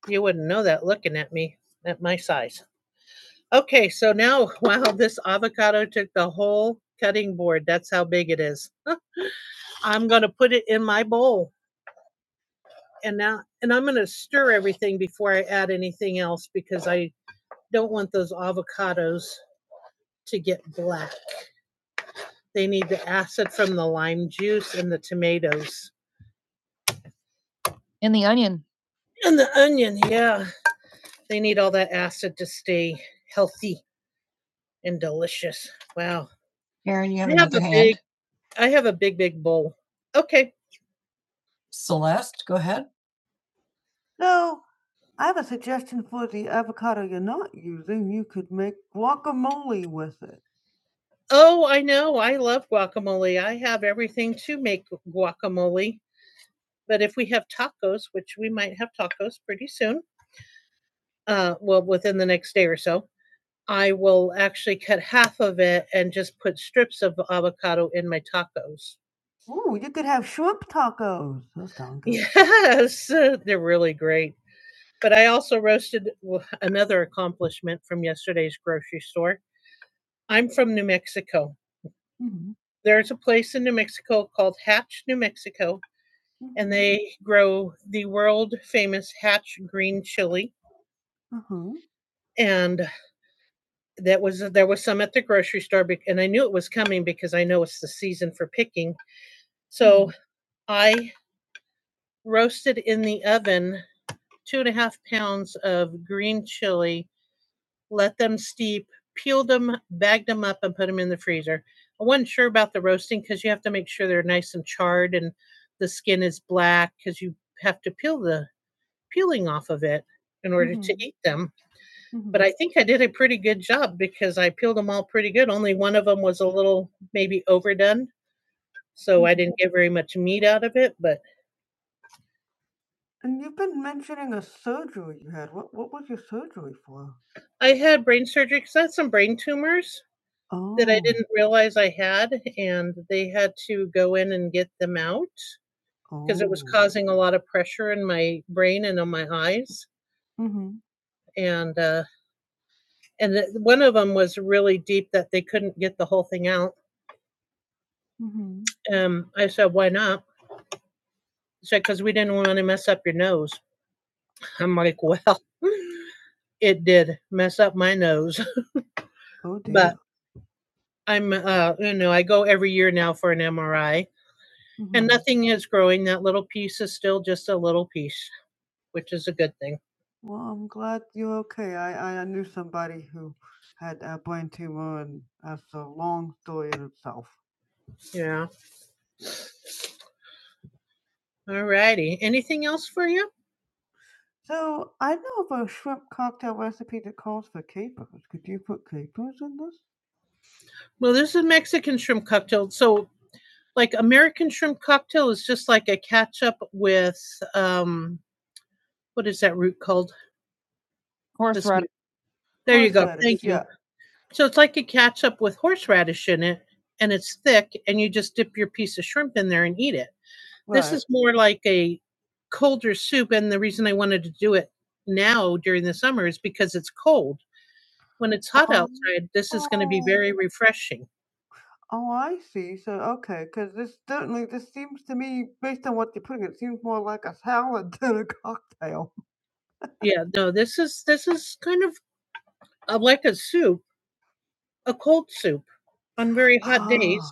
You wouldn't know that looking at me at my size. Okay, so now, wow, this avocado took the whole cutting board. That's how big it is. I'm going to put it in my bowl and now, and I'm going to stir everything before I add anything else because I don't want those avocados to get black. They need the acid from the lime juice and the tomatoes. And the onion. And the onion, yeah, they need all that acid to stay healthy and delicious. Wow. Karen, you have I have a hand. big I have a big big bowl. Okay. Celeste, go ahead. No, I have a suggestion for the avocado you're not using. You could make guacamole with it. Oh, I know. I love guacamole. I have everything to make guacamole. But if we have tacos, which we might have tacos pretty soon, uh, well, within the next day or so, I will actually cut half of it and just put strips of avocado in my tacos. Ooh, you could have shrimp tacos. Those sound good. Yes, they're really great. But I also roasted another accomplishment from yesterday's grocery store. I'm from New Mexico. Mhm. There's a place in New Mexico called Hatch, New Mexico, mm-hmm. and they grow the world famous Hatch green chili. Mhm. And that was uh, there was some at the grocery store and i knew it was coming because i know it's the season for picking so mm. i roasted in the oven two and a half pounds of green chili let them steep peeled them bagged them up and put them in the freezer i wasn't sure about the roasting because you have to make sure they're nice and charred and the skin is black because you have to peel the peeling off of it in order mm-hmm. to Mhm. eat them Mm-hmm. But Mhm. I think I did a pretty good job because I peeled them all pretty good, only one of them was a little maybe overdone, so mm-hmm. I Mhm. didn't get very much meat out of it, but And you've been mentioning a surgery you had. What what was your surgery for? I had brain surgery 'cause I had some brain tumors that I Oh. didn't realize I had, and they had to go in and get them out because it was Oh. causing a lot of pressure in my brain and on my eyes Mhm. and, uh and one of them was really deep that they couldn't get the whole thing out. hmm Um, I said, why not? She said, because we didn't want to mess up your nose. I'm like, well, it did mess up my nose. Oh But I'm, uh, you know, I go every year now for an MRI, and Mhm. nothing is growing. That little piece is still just a little piece, which is a good thing. Well, I'm glad you're okay. I, I knew somebody who had a brain tumor, and that's a long story in itself. Yeah. All righty. Anything else for you? So I know of a shrimp cocktail recipe that calls for capers. Could you put capers in this? Well, this is a Mexican shrimp cocktail. So, like American shrimp cocktail is just like a ketchup with um, what is that root called? Horseradish. There you go. Thank you. Yeah. So it's like a ketchup with horseradish in it, and it's thick, and you just dip your piece of shrimp in there and eat it. Right. This Right. is more like a colder soup, and the reason I wanted to do it now during the summer is because it's cold. When it's hot Oh. outside, this is gonna be Oh. very oh, refreshing. Oh, I see. So, okay, because this certainly this seems to me, based on what you're putting, it seems more like a salad than a cocktail. Yeah, no, this is this is kind of, uh, like a soup, a cold soup on very hot Ah. days.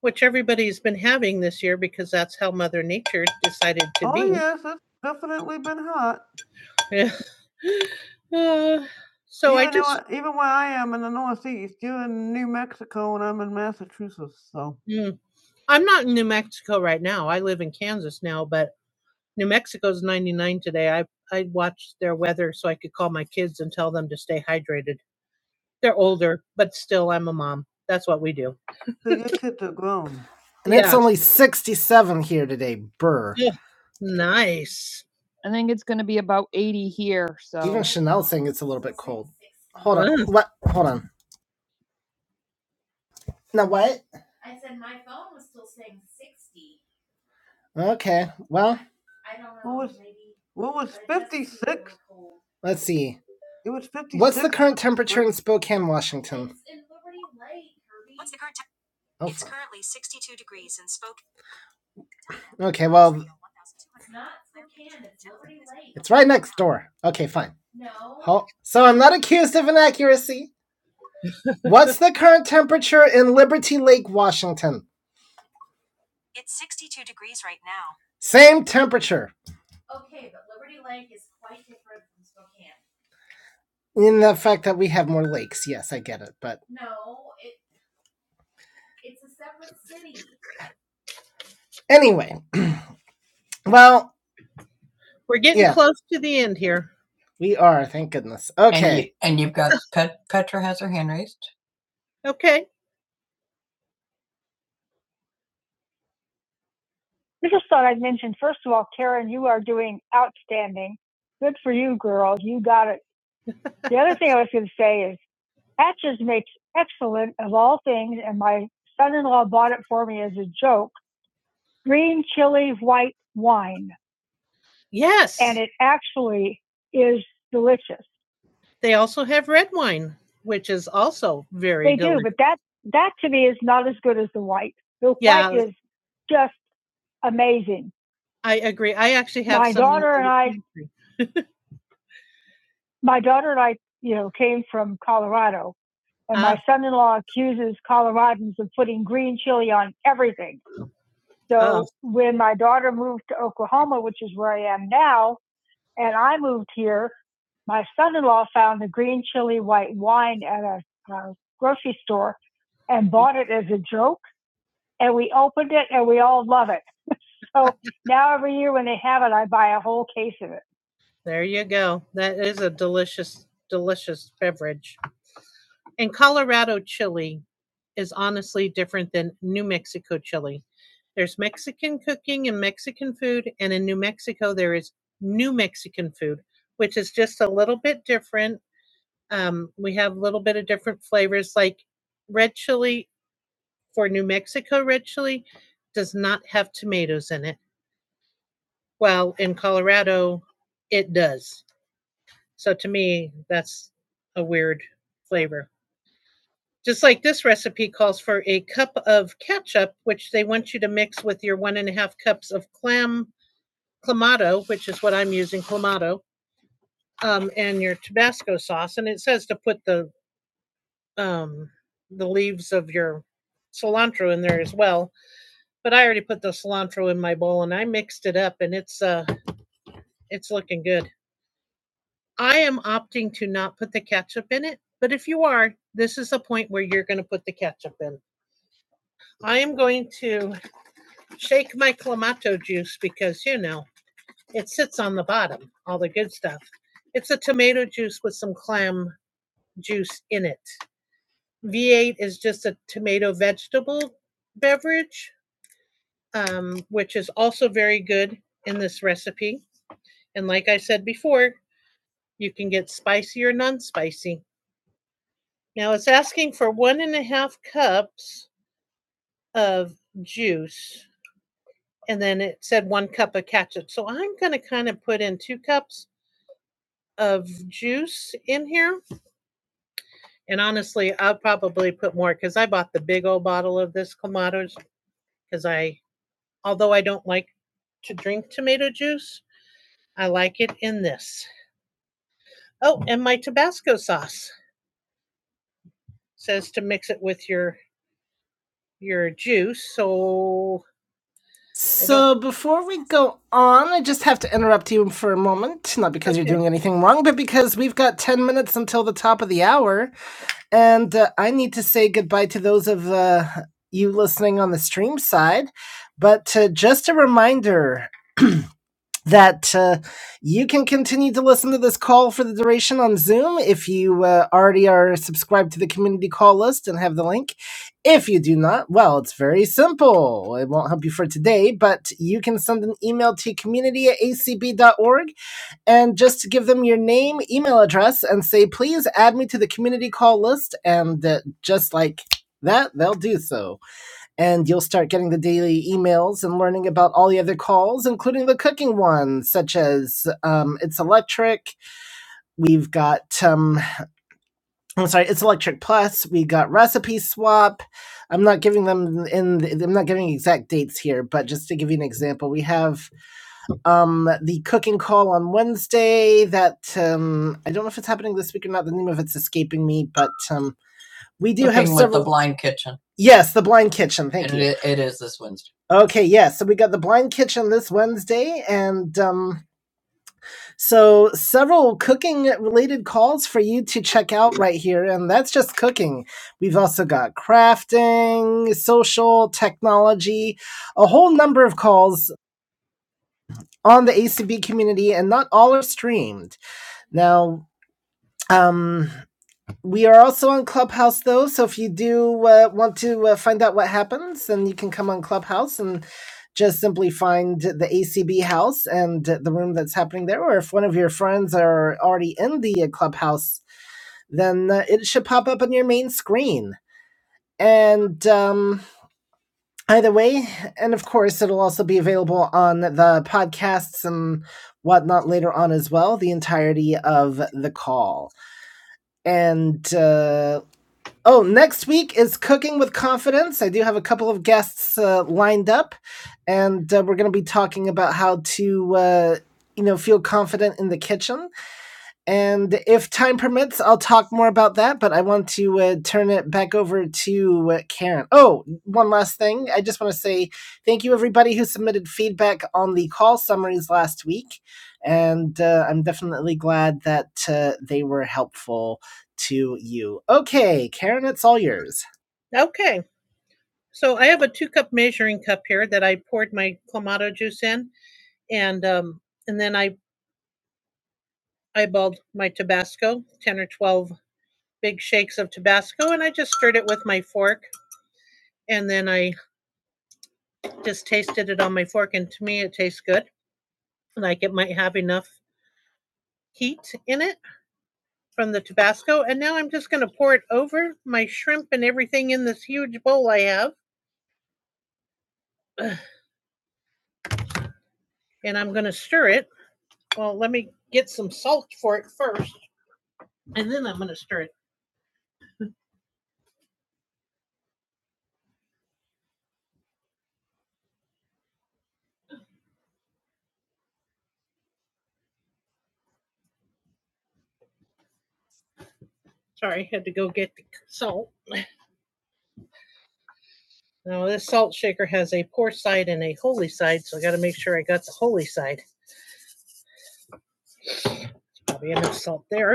which everybody's been having this year because that's how Mother Nature decided to Oh be. Oh, yes, it's definitely been hot. Yeah. Uh, so I Even though just I- even where I am in the Northeast, you're in New Mexico and I'm in Massachusetts. So Mm. I'm not in New Mexico right now. I live in Kansas now, but New Mexico's 99 today. I I watched their weather so I could call my kids and tell them to stay hydrated. They're older, but still, I'm a mom. That's what we do. They get to the grown. And yeah. it's Yeah. only 67 here today. Brr. Yeah. Nice. I think it's going to be about 80 here. So Even Chanel saying it's a little bit. Hold on. Mm. What? Hold on. Now what? Okay. Well, What was, what was let's see. it was fifty? What's the current temperature in Spokane, Washington? Okay. Well, it's right next door. Okay, fine. Oh, so I'm not accused of inaccuracy. What's the current temperature in Liberty Lake, Washington? Same temperature in the fact that we have more lakes. Yes, I get it. But anyway, well, We're getting Yeah. close to the end here. we are. Thank goodness. Okay. And, you, Okay. and you've got Pet, Petra has her hand raised. Okay. I just thought I'd mention, first of all, Karen, you are doing outstanding. Good for you, girls. You got it. The other thing I was going to say is patches makes excellent of all things, and my son in law bought it for me as a joke green chili white wine. Yes. and it actually is delicious. they also have red wine, which is also very They delicious. They do, but that that to me is not as good as the white. The Yeah. white yeah. is just amazing. I agree. I actually have My some daughter and I- pantry. My daughter and I, you know, came from Colorado, and Ah. my son-in-law accuses Coloradans of putting green chili on everything. So Oh. when my daughter moved to Oklahoma, which is where I am now, and I moved here, my son-in-law found the green chili white wine at a, a grocery store and bought it as a joke. And we opened it and we all love it. So now every year when they have it, I buy a whole case of it. There you go. That is a delicious, delicious beverage. And Colorado chili is honestly different than New Mexico chili. There's Mexican cooking and Mexican food, and in New Mexico, there is New Mexican food, which is just a little bit different. Um, we have a little bit of different flavors, like red chili for New Mexico, red chili does not have tomatoes in it, while in Colorado, it does. So to me, that's a weird flavor. Just like this recipe calls for a cup of ketchup, which they want you to mix with your one and a half cups of clam clamato, which is what I'm using, clamato, um, and your Tabasco sauce. And it says to put the um, the leaves of your cilantro in there as well. But I already put the cilantro in my bowl and I mixed it up, and it's uh it's looking good. I am opting to not put the ketchup in it, but if you are, this is the point where you're going to put the ketchup in. I am going to shake my clamato juice because you know it sits on the bottom, all the good stuff. It's a tomato juice with some clam juice in it. V8 is just a tomato vegetable beverage, um, which is also very good in this recipe. And like I said before, you can get spicy or non spicy. Now it's asking for one and a half cups of juice, and then it said one cup of ketchup. So I'm going to kind of put in two cups of juice in here. And honestly, I'll probably put more because I bought the big old bottle of this Clamatos because I, although I don't like to drink tomato juice, I like it in this. Oh, and my Tabasco sauce says to mix it with your your juice. So So before we go on, I just have to interrupt you for a moment. Not because okay. you're Okay. doing anything wrong, but because we've got 10 minutes until the top of the hour. And uh, I need to say goodbye to those of uh, you listening on the stream side. But uh, just a reminder that uh, you can continue to listen to this call for the duration on Zoom if you uh, already are subscribed to the community call list and have the link. If you do not, well, it's very simple. It won't help you for today, but you can send an email to community at acb dot org and just give them your name, email address, and say, please add me to the community call list. And uh, just like that, they'll do so. And you'll start getting the daily emails and learning about all the other calls, including the cooking ones, such as um, It's Electric. We've got, um, I'm sorry, It's Electric Plus. We got Recipe Swap. I'm not giving them in, the, I'm not giving exact dates here, but just to give you an example, we have um the cooking call on wednesday that um i don't know if it's happening this week or not the name of it's escaping me but um we do cooking have Cooking with the several blind kitchen, yes the blind kitchen thank and you it, it is this Wednesday. Okay, yeah, so we got the blind kitchen this Wednesday, and um, so several cooking related calls for you to check out right here, and that's just cooking. We've also got crafting, social, technology, a whole number of calls on the ACB community, and not all are streamed. Now, um, we are also on Clubhouse, though, so if you do uh, want to uh, find out what happens, then you can come on Clubhouse and just simply find the ACB house and uh, the room that's happening there. Or if one of your friends are already in the uh, Clubhouse, then uh, it should pop up on your main screen. And um, either way and of course it'll also be available on the podcasts and whatnot later on as well the entirety of the call and uh, oh next week is cooking with confidence i do have a couple of guests uh, lined up and uh, we're going to be talking about how to uh, you know feel confident in the kitchen and if time permits, I'll talk more about that, but I want to uh, turn it back over to uh, Karen. Oh, one last thing. I just want to say thank you, everybody who submitted feedback on the call summaries last week. And uh, I'm definitely glad that uh, they were helpful to you. Okay, Karen, it's all yours. Okay. So I have a two cup measuring cup here that I poured my clamato juice in and um and then I eyeballed my Tabasco, 10 or 12 big shakes of Tabasco and I just stirred it with my fork and then I just tasted it on my fork and to me it tastes good. Like it might have enough heat in it from the Tabasco and now I'm just going to pour it over my shrimp and everything in this huge bowl I have and I'm going to stir it. Well, let me get some salt for it first and then I'm going to stir it. Sorry, I had to go get the salt. Now this salt shaker has a pour side and a holy side, so I got to make sure I got the holy side. Probably enough salt there.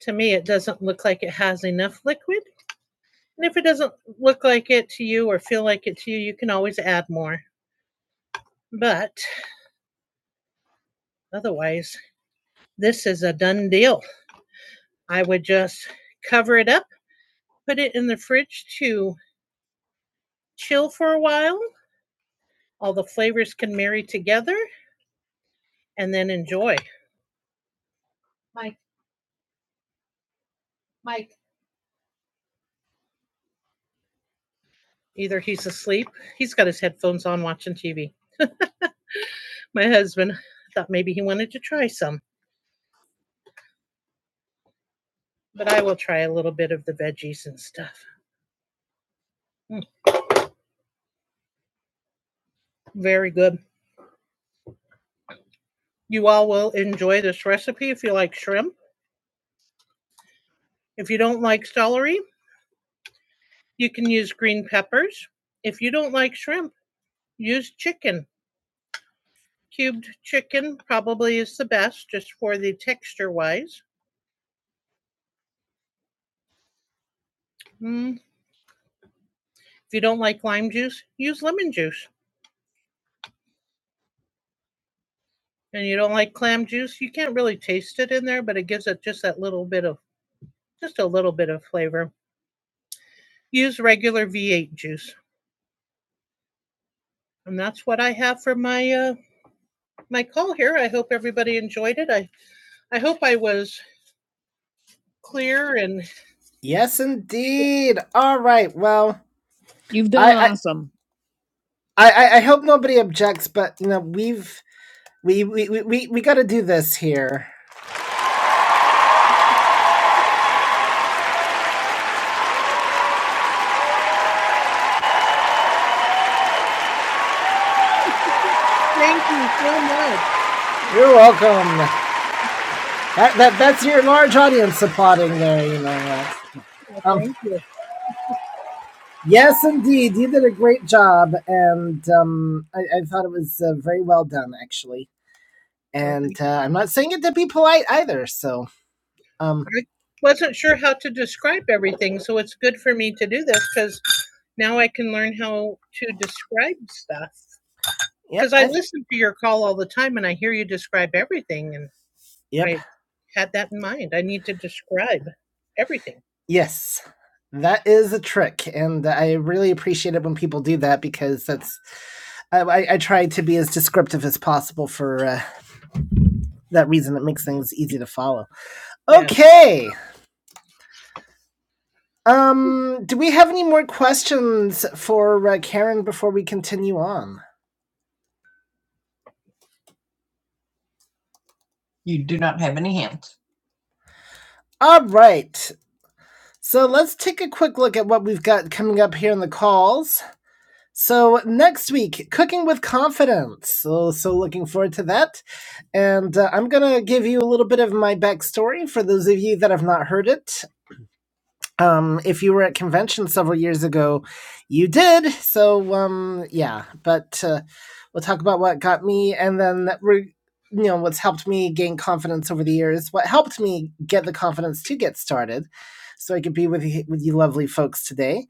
to me, it doesn't look like it has enough liquid. And if it doesn't look like it to you or feel like it to you, you can always add more. But otherwise, this is a done deal. I would just cover it up, put it in the fridge to chill for a while. All the flavors can marry together and then enjoy. Either he's asleep, he's got his headphones on watching TV. My husband thought maybe he wanted to try some, but I will try a little bit of the veggies and stuff. Very good. You all will enjoy this recipe if you like shrimp. If you don't like celery, you can use green peppers. If you don't like shrimp, use chicken. Cubed chicken probably is the best just for the texture wise. Mm. If you don't like lime juice, use lemon juice. And you don't like clam juice, you can't really taste it in there, but it gives it just that little bit of just a little bit of flavor. Use regular V8 juice. And that's what I have for my uh, my call here. I hope everybody enjoyed it. I I hope I was clear and Yes, indeed. All right. Well, You've done I- awesome. I, I, I hope nobody objects, but you know we've we we we, we, we got to do this here. thank you so much. You're welcome. That, that that's your large audience applauding there. You know. um, Thank you. Yes, indeed, you did a great job, and um, I, I thought it was uh, very well done, actually. And uh, I'm not saying it to be polite either. So Um, I wasn't sure how to describe everything, so it's good for me to do this because now I can learn how to describe stuff. yep, Because I I- listen to your call all the time and I hear you describe everything, and yep, I had that in mind. I need to describe everything. yes. That is a trick, and I really appreciate it when people do that because that's. I, I try to be as descriptive as possible for uh, that reason. It makes things easy to follow. Yeah. Okay, Um, do we have any more questions for uh, Karen before we continue on? You do not have any hands. All right. So let's take a quick look at what we've got coming up here in the calls. So next week, cooking with confidence. So, so looking forward to that. And uh, I'm going to give you a little bit of my backstory for those of you that have not heard it. Um, if you were at convention several years ago, you did. So um, yeah, but uh, we'll talk about what got me, and then re- you know what's helped me gain confidence over the years. What helped me get the confidence to get started, so I could be with you, with you lovely folks today.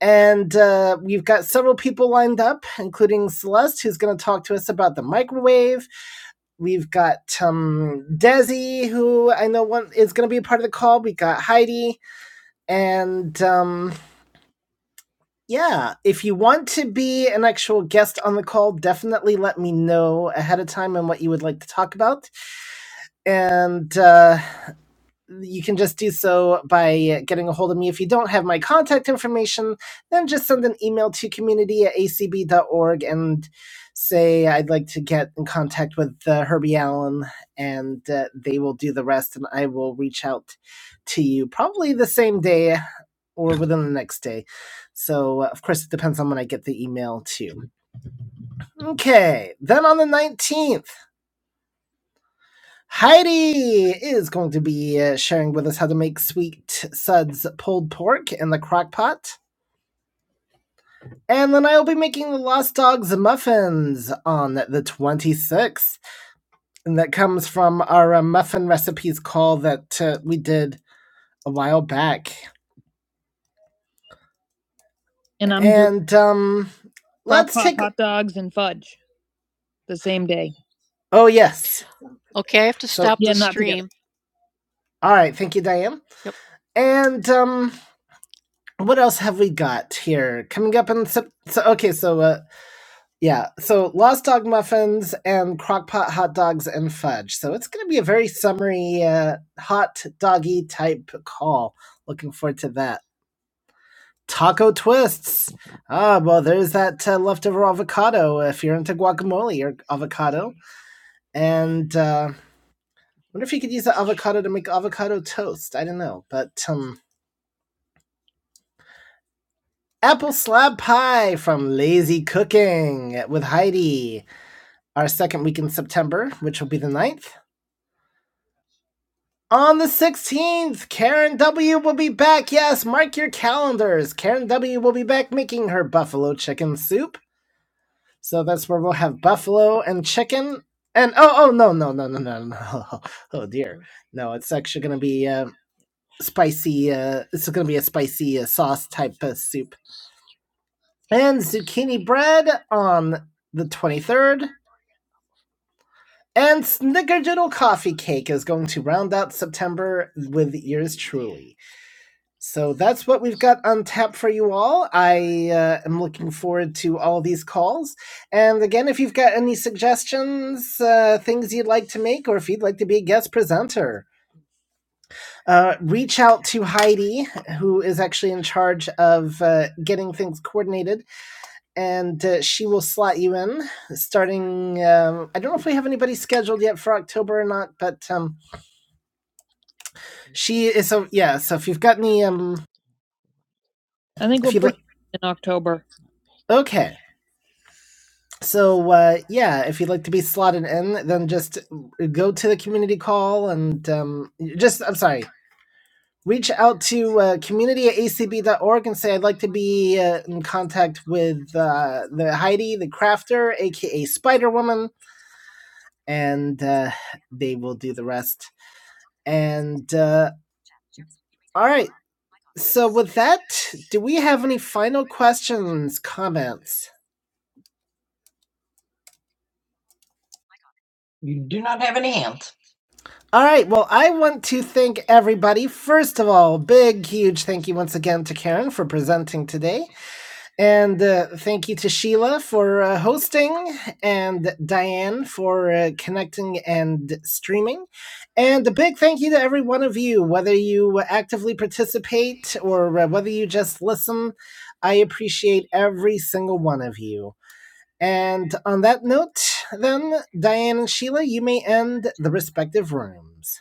And uh, we've got several people lined up, including Celeste, who's going to talk to us about the microwave. We've got um, Desi, who I know one is going to be a part of the call. We got Heidi. And um, yeah, if you want to be an actual guest on the call, definitely let me know ahead of time and what you would like to talk about. And uh, you can just do so by getting a hold of me. If you don't have my contact information, then just send an email to community at acb dot org and say I'd like to get in contact with uh, Herbie Allen, and uh, they will do the rest, and I will reach out to you probably the same day or within the next day. So, uh, of course, it depends on when I get the email, too. Okay, then on the 19th, Heidi is going to be uh, sharing with us how to make sweet suds pulled pork in the crock pot. And then I'll be making the Lost Dogs muffins on the 26th. And that comes from our uh, muffin recipes call that uh, we did a while back. And I'm And um, let's pot take. hot dogs and fudge the same day. Oh, yes. Stop yeah, the not stream. All right, thank you, Diane. Yep. And um, what else have we got here coming up in so? Okay, so uh, yeah, so Lost Dog muffins and crockpot hot dogs and fudge. So it's going to be a very summery uh, hot doggy type call. Looking forward to that. Taco twists. Ah, well, there's that uh, leftover avocado. If you're into guacamole or avocado, and uh, I wonder if you could use the avocado to make avocado toast. I don't know, but um Apple Slab Pie from Lazy Cooking with Heidi. Our second week in September, which will be the ninth. On the 16th, Karen W. will be back. Yes, mark your calendars. Karen W. will be back making her buffalo chicken soup. So that's where we'll have buffalo and chicken. And oh, oh, no, no, no, no, no, no. Oh, dear. No, it's actually going to be uh, spicy. Uh, it's going to be a spicy uh, sauce type of soup. And zucchini bread on the 23rd. And Snickerdoodle Coffee Cake is going to round out September with yours truly. So that's what we've got on tap for you all. I uh, am looking forward to all these calls. And again, if you've got any suggestions, uh, things you'd like to make, or if you'd like to be a guest presenter, uh, reach out to Heidi, who is actually in charge of uh, getting things coordinated, and uh, she will slot you in starting. Um, I don't know if we have anybody scheduled yet for October or not, but um, She is so yeah. So if you've got any um, I think If we're you look- Bricktober. okay. So uh, yeah, if you'd like to be slotted in, then just go to the community call and um, just I'm sorry. Reach out to uh, community at acb dot org and say I'd like to be uh, in contact with uh, the Heidi, the crafter, aka Spider Woman, and uh, they will do the rest. And uh, all right, so that do we have any final questions, comments? You do not have any hands. All right, well, I want to thank everybody. First of all, big, huge thank you once again to Karen for presenting today. And uh, thank you to Sheila for uh, hosting and Diane for uh, connecting and streaming. And a big thank you to every one of you, whether you actively participate or uh, whether you just listen. I appreciate every single one of you. And on that note, then, Diane and Sheila, you may end the respective rooms.